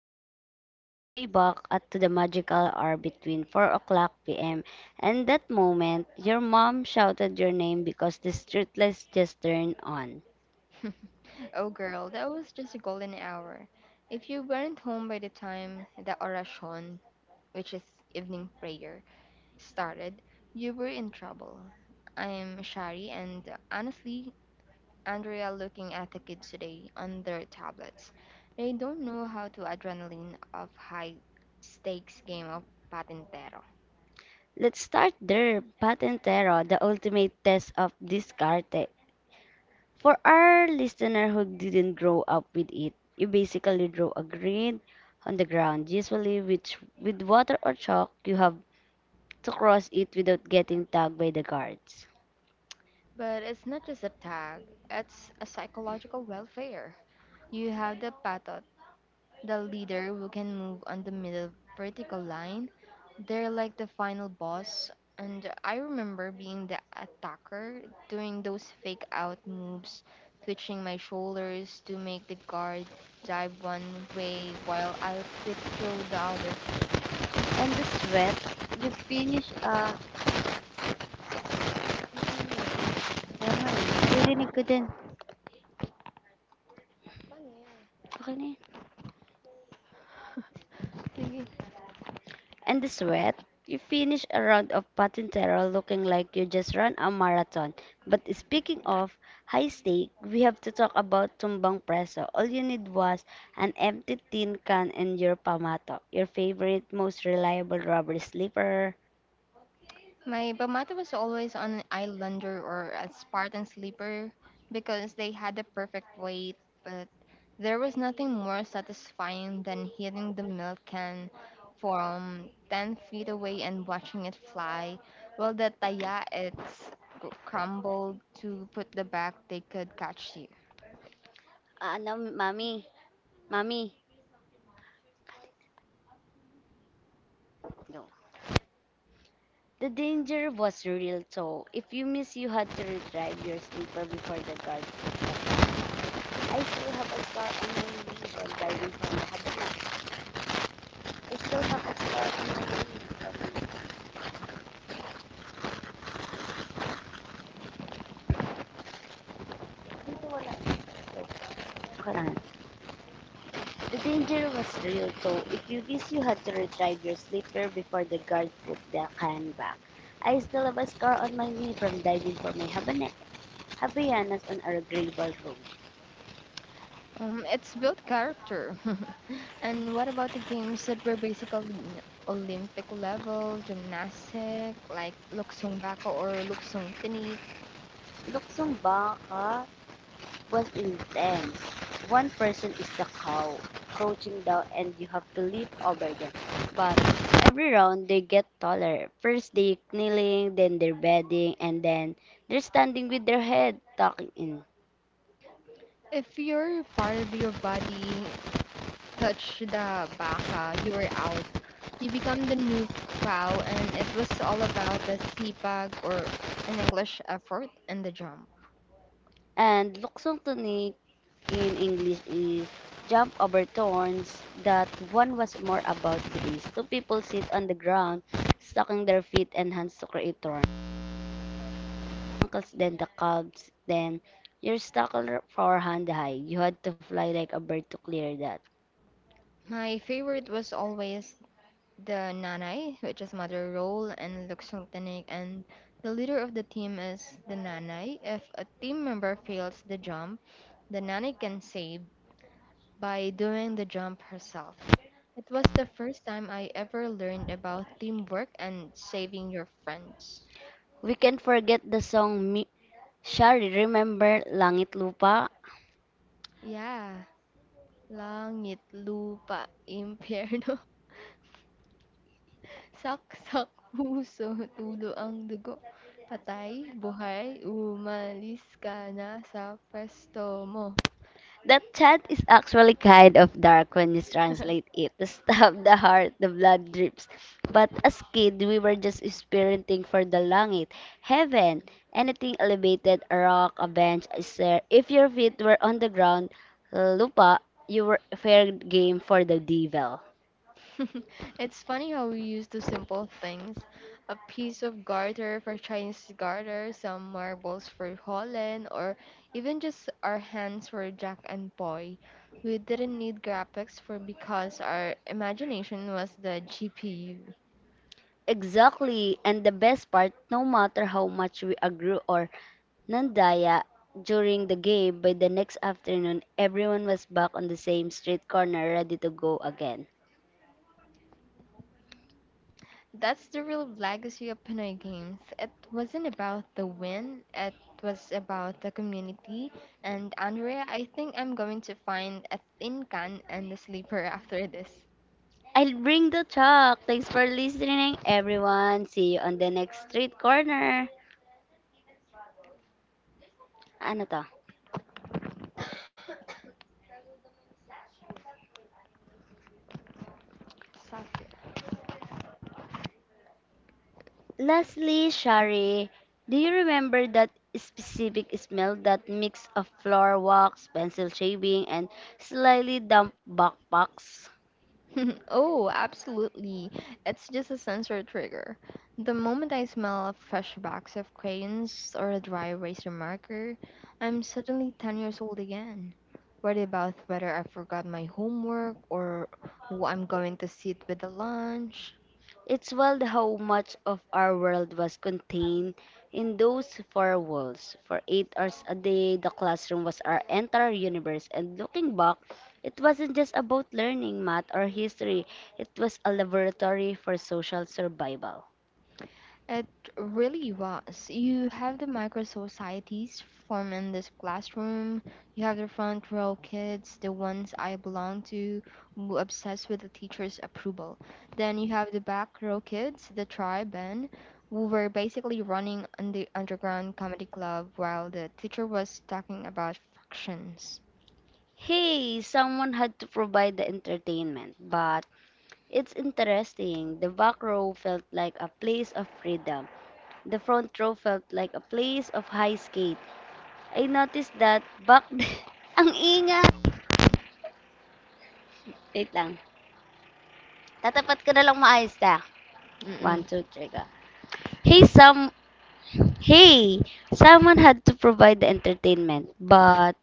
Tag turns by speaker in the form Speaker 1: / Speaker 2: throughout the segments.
Speaker 1: we're going back, way back at to the magical hour between 4 o'clock p.m. and that moment your mom shouted your name because the streetlights just turned on.
Speaker 2: Oh, girl, that was just a golden hour. If you weren't home by the time the orasyon, which is evening prayer, started, you were in trouble. I'm Shari, and honestly, Andrea, looking at the kids today on their tablets, they don't know how to adrenaline of high stakes game of patintero.
Speaker 1: Let's start there, Patentero, the ultimate test of discarte. For our listener who didn't grow up with it, you basically draw a grid on the ground, usually which, with water or chalk. You have to cross it without getting tagged by the guards.
Speaker 2: But it's not just a tag, it's a psychological welfare. You have the pathos. The leader who can move on the middle vertical line. They're like the final boss. And I remember being the attacker, doing those fake out moves, twitching my shoulders to make the guard dive one way while I'll slip through the other.
Speaker 1: And the sweat uh,
Speaker 2: Ang ingay.
Speaker 1: Wow, naririnig ko din.
Speaker 2: Paano yan?
Speaker 1: Okay na yan.
Speaker 2: Sige.
Speaker 1: And the sweat? You finish a round of patintero looking like you just ran a marathon. But speaking of high stake, we have to talk about tumbang preso. All you need was an empty tin can and your pamato, your favorite, most reliable rubber slipper.
Speaker 2: My Bamata was always on an Islander or a Spartan sleeper because they had the perfect weight, but there was nothing more satisfying than hitting the milk can from 10 feet away and watching it fly, while the taya it's crumbled to put the back they could catch you.
Speaker 1: Ah, no, mommy. Mommy. No. The danger was real, so if you miss, you had to retrieve your slipper before the guard I still have a scar on my knee while diving from the hatchback. I still have a scar on it. The danger was real, so if you miss, you had to retrieve your slipper before the guard put the can back. I still have a scar on my knee from diving for my habanet. Habayanas on our gravel road.
Speaker 2: It's built character. And what about the games that were basically Olympic level, gymnastic, like luksong bako or luksong tinik?
Speaker 1: Luksong baka was intense. One person is the cow, crouching down, and you have to leap over them. But every round, they get taller. First, they kneeling, then they're bedding, and then they're standing with their head tucking in.
Speaker 2: If your part of your body touch the baka, you were out. You become the new cow, and it was all about the sipag, or in English effort, and the jump.
Speaker 1: And luksong tunig in English is jump over thorns. That one was more about grace. Two people sit on the ground, stocking their feet and hands to create thorns. Uncles, then the cubs, then you're stuck on forehand high. You had to fly like a bird to clear that.
Speaker 2: My favorite was always the nanay, which is mother role, and Luxungtanik, and the leader of the team is the nanay. If a team member fails the jump, the nanay can save by doing the jump herself. It was the first time I ever learned about teamwork and saving your friends.
Speaker 1: We can forget the song Shari, remember Langit Lupa?
Speaker 2: Yeah, langit, lupa, impyerno, saksak, puso, tulo ang dugo. Patay, buhay, umalis ka na sa pwesto mo.
Speaker 1: That chant is actually kind of dark when you translate it. The stab, the heart, the blood drips. But as kid, we were just spiriting for the langit, heaven, anything elevated, a rock, a bench, a stair. If your feet were on the ground, lupa, you were fair game for the devil.
Speaker 2: It's funny how we use the simple things. A piece of garter for Chinese garter, some marbles for Holland, or even just our hands for Jack and Boy. We didn't need graphics for because our imagination was the GPU.
Speaker 1: Exactly. And the best part, no matter how much we agree or nandaya during the game, by the next afternoon, everyone was back on the same street corner ready to go again.
Speaker 2: That's the real legacy of Pinoy games. It wasn't about the win, it was about the community. And Andrea, I think I'm going to find a thin can and a sleeper after this.
Speaker 1: I'll bring the chalk. Thanks for listening, everyone. See you on the next street corner. Ano to?
Speaker 2: Exactly.
Speaker 1: Lastly, Shari, do you remember that specific smell, that mix of floor wax, pencil shaving, and slightly damp backpacks?
Speaker 2: Oh, absolutely. It's just a sensory trigger. The moment I smell a fresh box of crayons or a dry eraser marker, I'm suddenly 10 years old again. Worried about whether I forgot my homework or who I'm going to sit with at lunch.
Speaker 1: It's wild how much of our world was contained in those four walls. For 8 hours a day, the classroom was our entire universe. And looking back, it wasn't just about learning math or history, it was a laboratory for social survival.
Speaker 2: It really was. You have the micro societies form in this classroom. You have the front row kids, the ones I belong to, who obsessed with the teacher's approval. Then you have the back row kids, the tribe and who were basically running on the underground comedy club while the teacher was talking about fractions.
Speaker 1: Hey, someone had to provide the entertainment. But it's interesting. The back row felt like a place of freedom. The front row felt like a place of high stakes. I noticed that back then, ang ingay. Wait lang. Tatapat ko na lang maayos ka. One, two, three, go. Hey, some, hey, someone had to provide the entertainment, but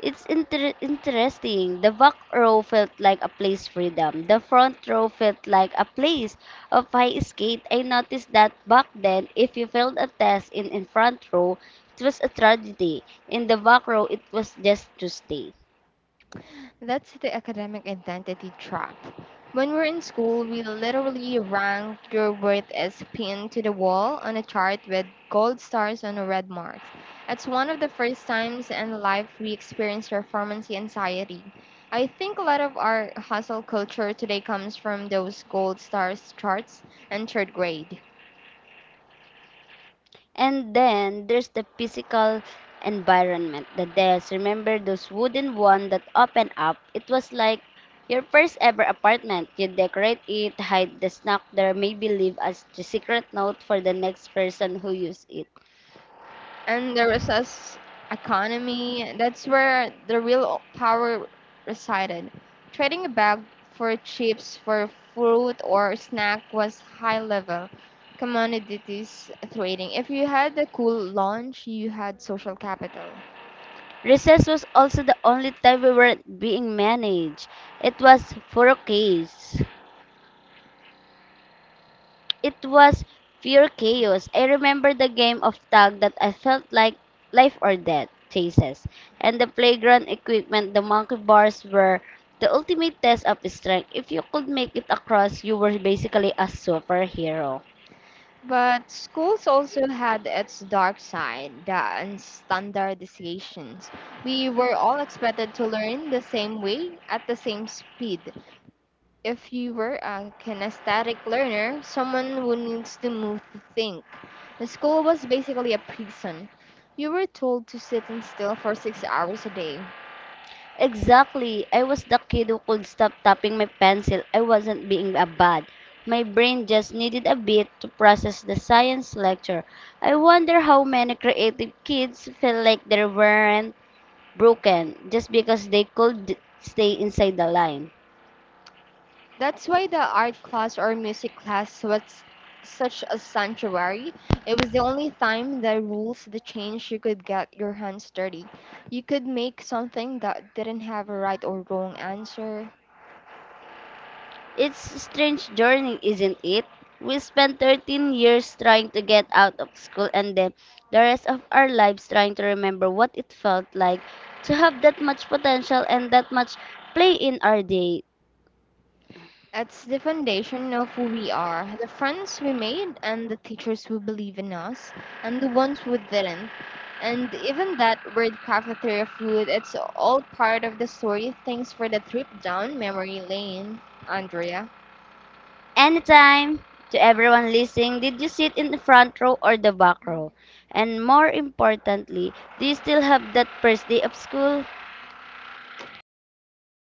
Speaker 1: it's interesting. The back row felt like a place freedom. The front row felt like a place of high escape. I noticed that back then, if you failed a test in front row, it was a tragedy. In the back row, it was just Tuesday.
Speaker 2: That's the academic identity trap. When we're in school, we literally rank your worth as pinned to the wall on a chart with gold stars on a red mark. It's one of the first times in life we experience performance anxiety. I think a lot of our hustle culture today comes from those gold stars charts in third grade.
Speaker 1: And then there's the physical environment, the desk. Remember those wooden one that open up? It was like your first ever apartment. You decorate it, hide the snack there, maybe leave as a secret note for the next person who use it.
Speaker 2: And the resource economy. That's where the real power resided. Trading a bag for chips, for fruit or snack was high level commodities trading. If you had a cool lunch, you had social capital.
Speaker 1: Recess was also the only time we weren't being managed. It was for a case. It was pure chaos. I remember the game of tag that I felt like life or death chases, and the playground equipment, the monkey bars were the ultimate test of strength. If you could make it across, you were basically a superhero.
Speaker 2: But schools also had its dark side, the unstandardizations. We were all expected to learn the same way at the same speed. If you were a kinesthetic learner, someone who needs to move to think. The school was basically a prison. You were told to sit and still for 6 hours a day.
Speaker 1: Exactly. I was the kid who could stop tapping my pencil. I wasn't being a bad. My brain just needed a bit to process the science lecture. I wonder how many creative kids feel like there weren't broken just because they could stay inside the line.
Speaker 2: That's why the art class or music class was such a sanctuary. It was the only time the rules the change you could get your hands dirty. You could make something that didn't have a right or wrong answer.
Speaker 1: It's a strange journey, isn't it? We spent 13 years trying to get out of school and then the rest of our lives trying to remember what it felt like to have that much potential and that much play in our day.
Speaker 2: It's the foundation of who we are, the friends we made, and the teachers who believe in us, and the ones who didn't. And even that word cafeteria food, it's all part of the story. Thanks for the trip down memory lane, Andrea.
Speaker 1: Anytime, to everyone listening, did you sit in the front row or the back row? And more importantly, do you still have that first day of school?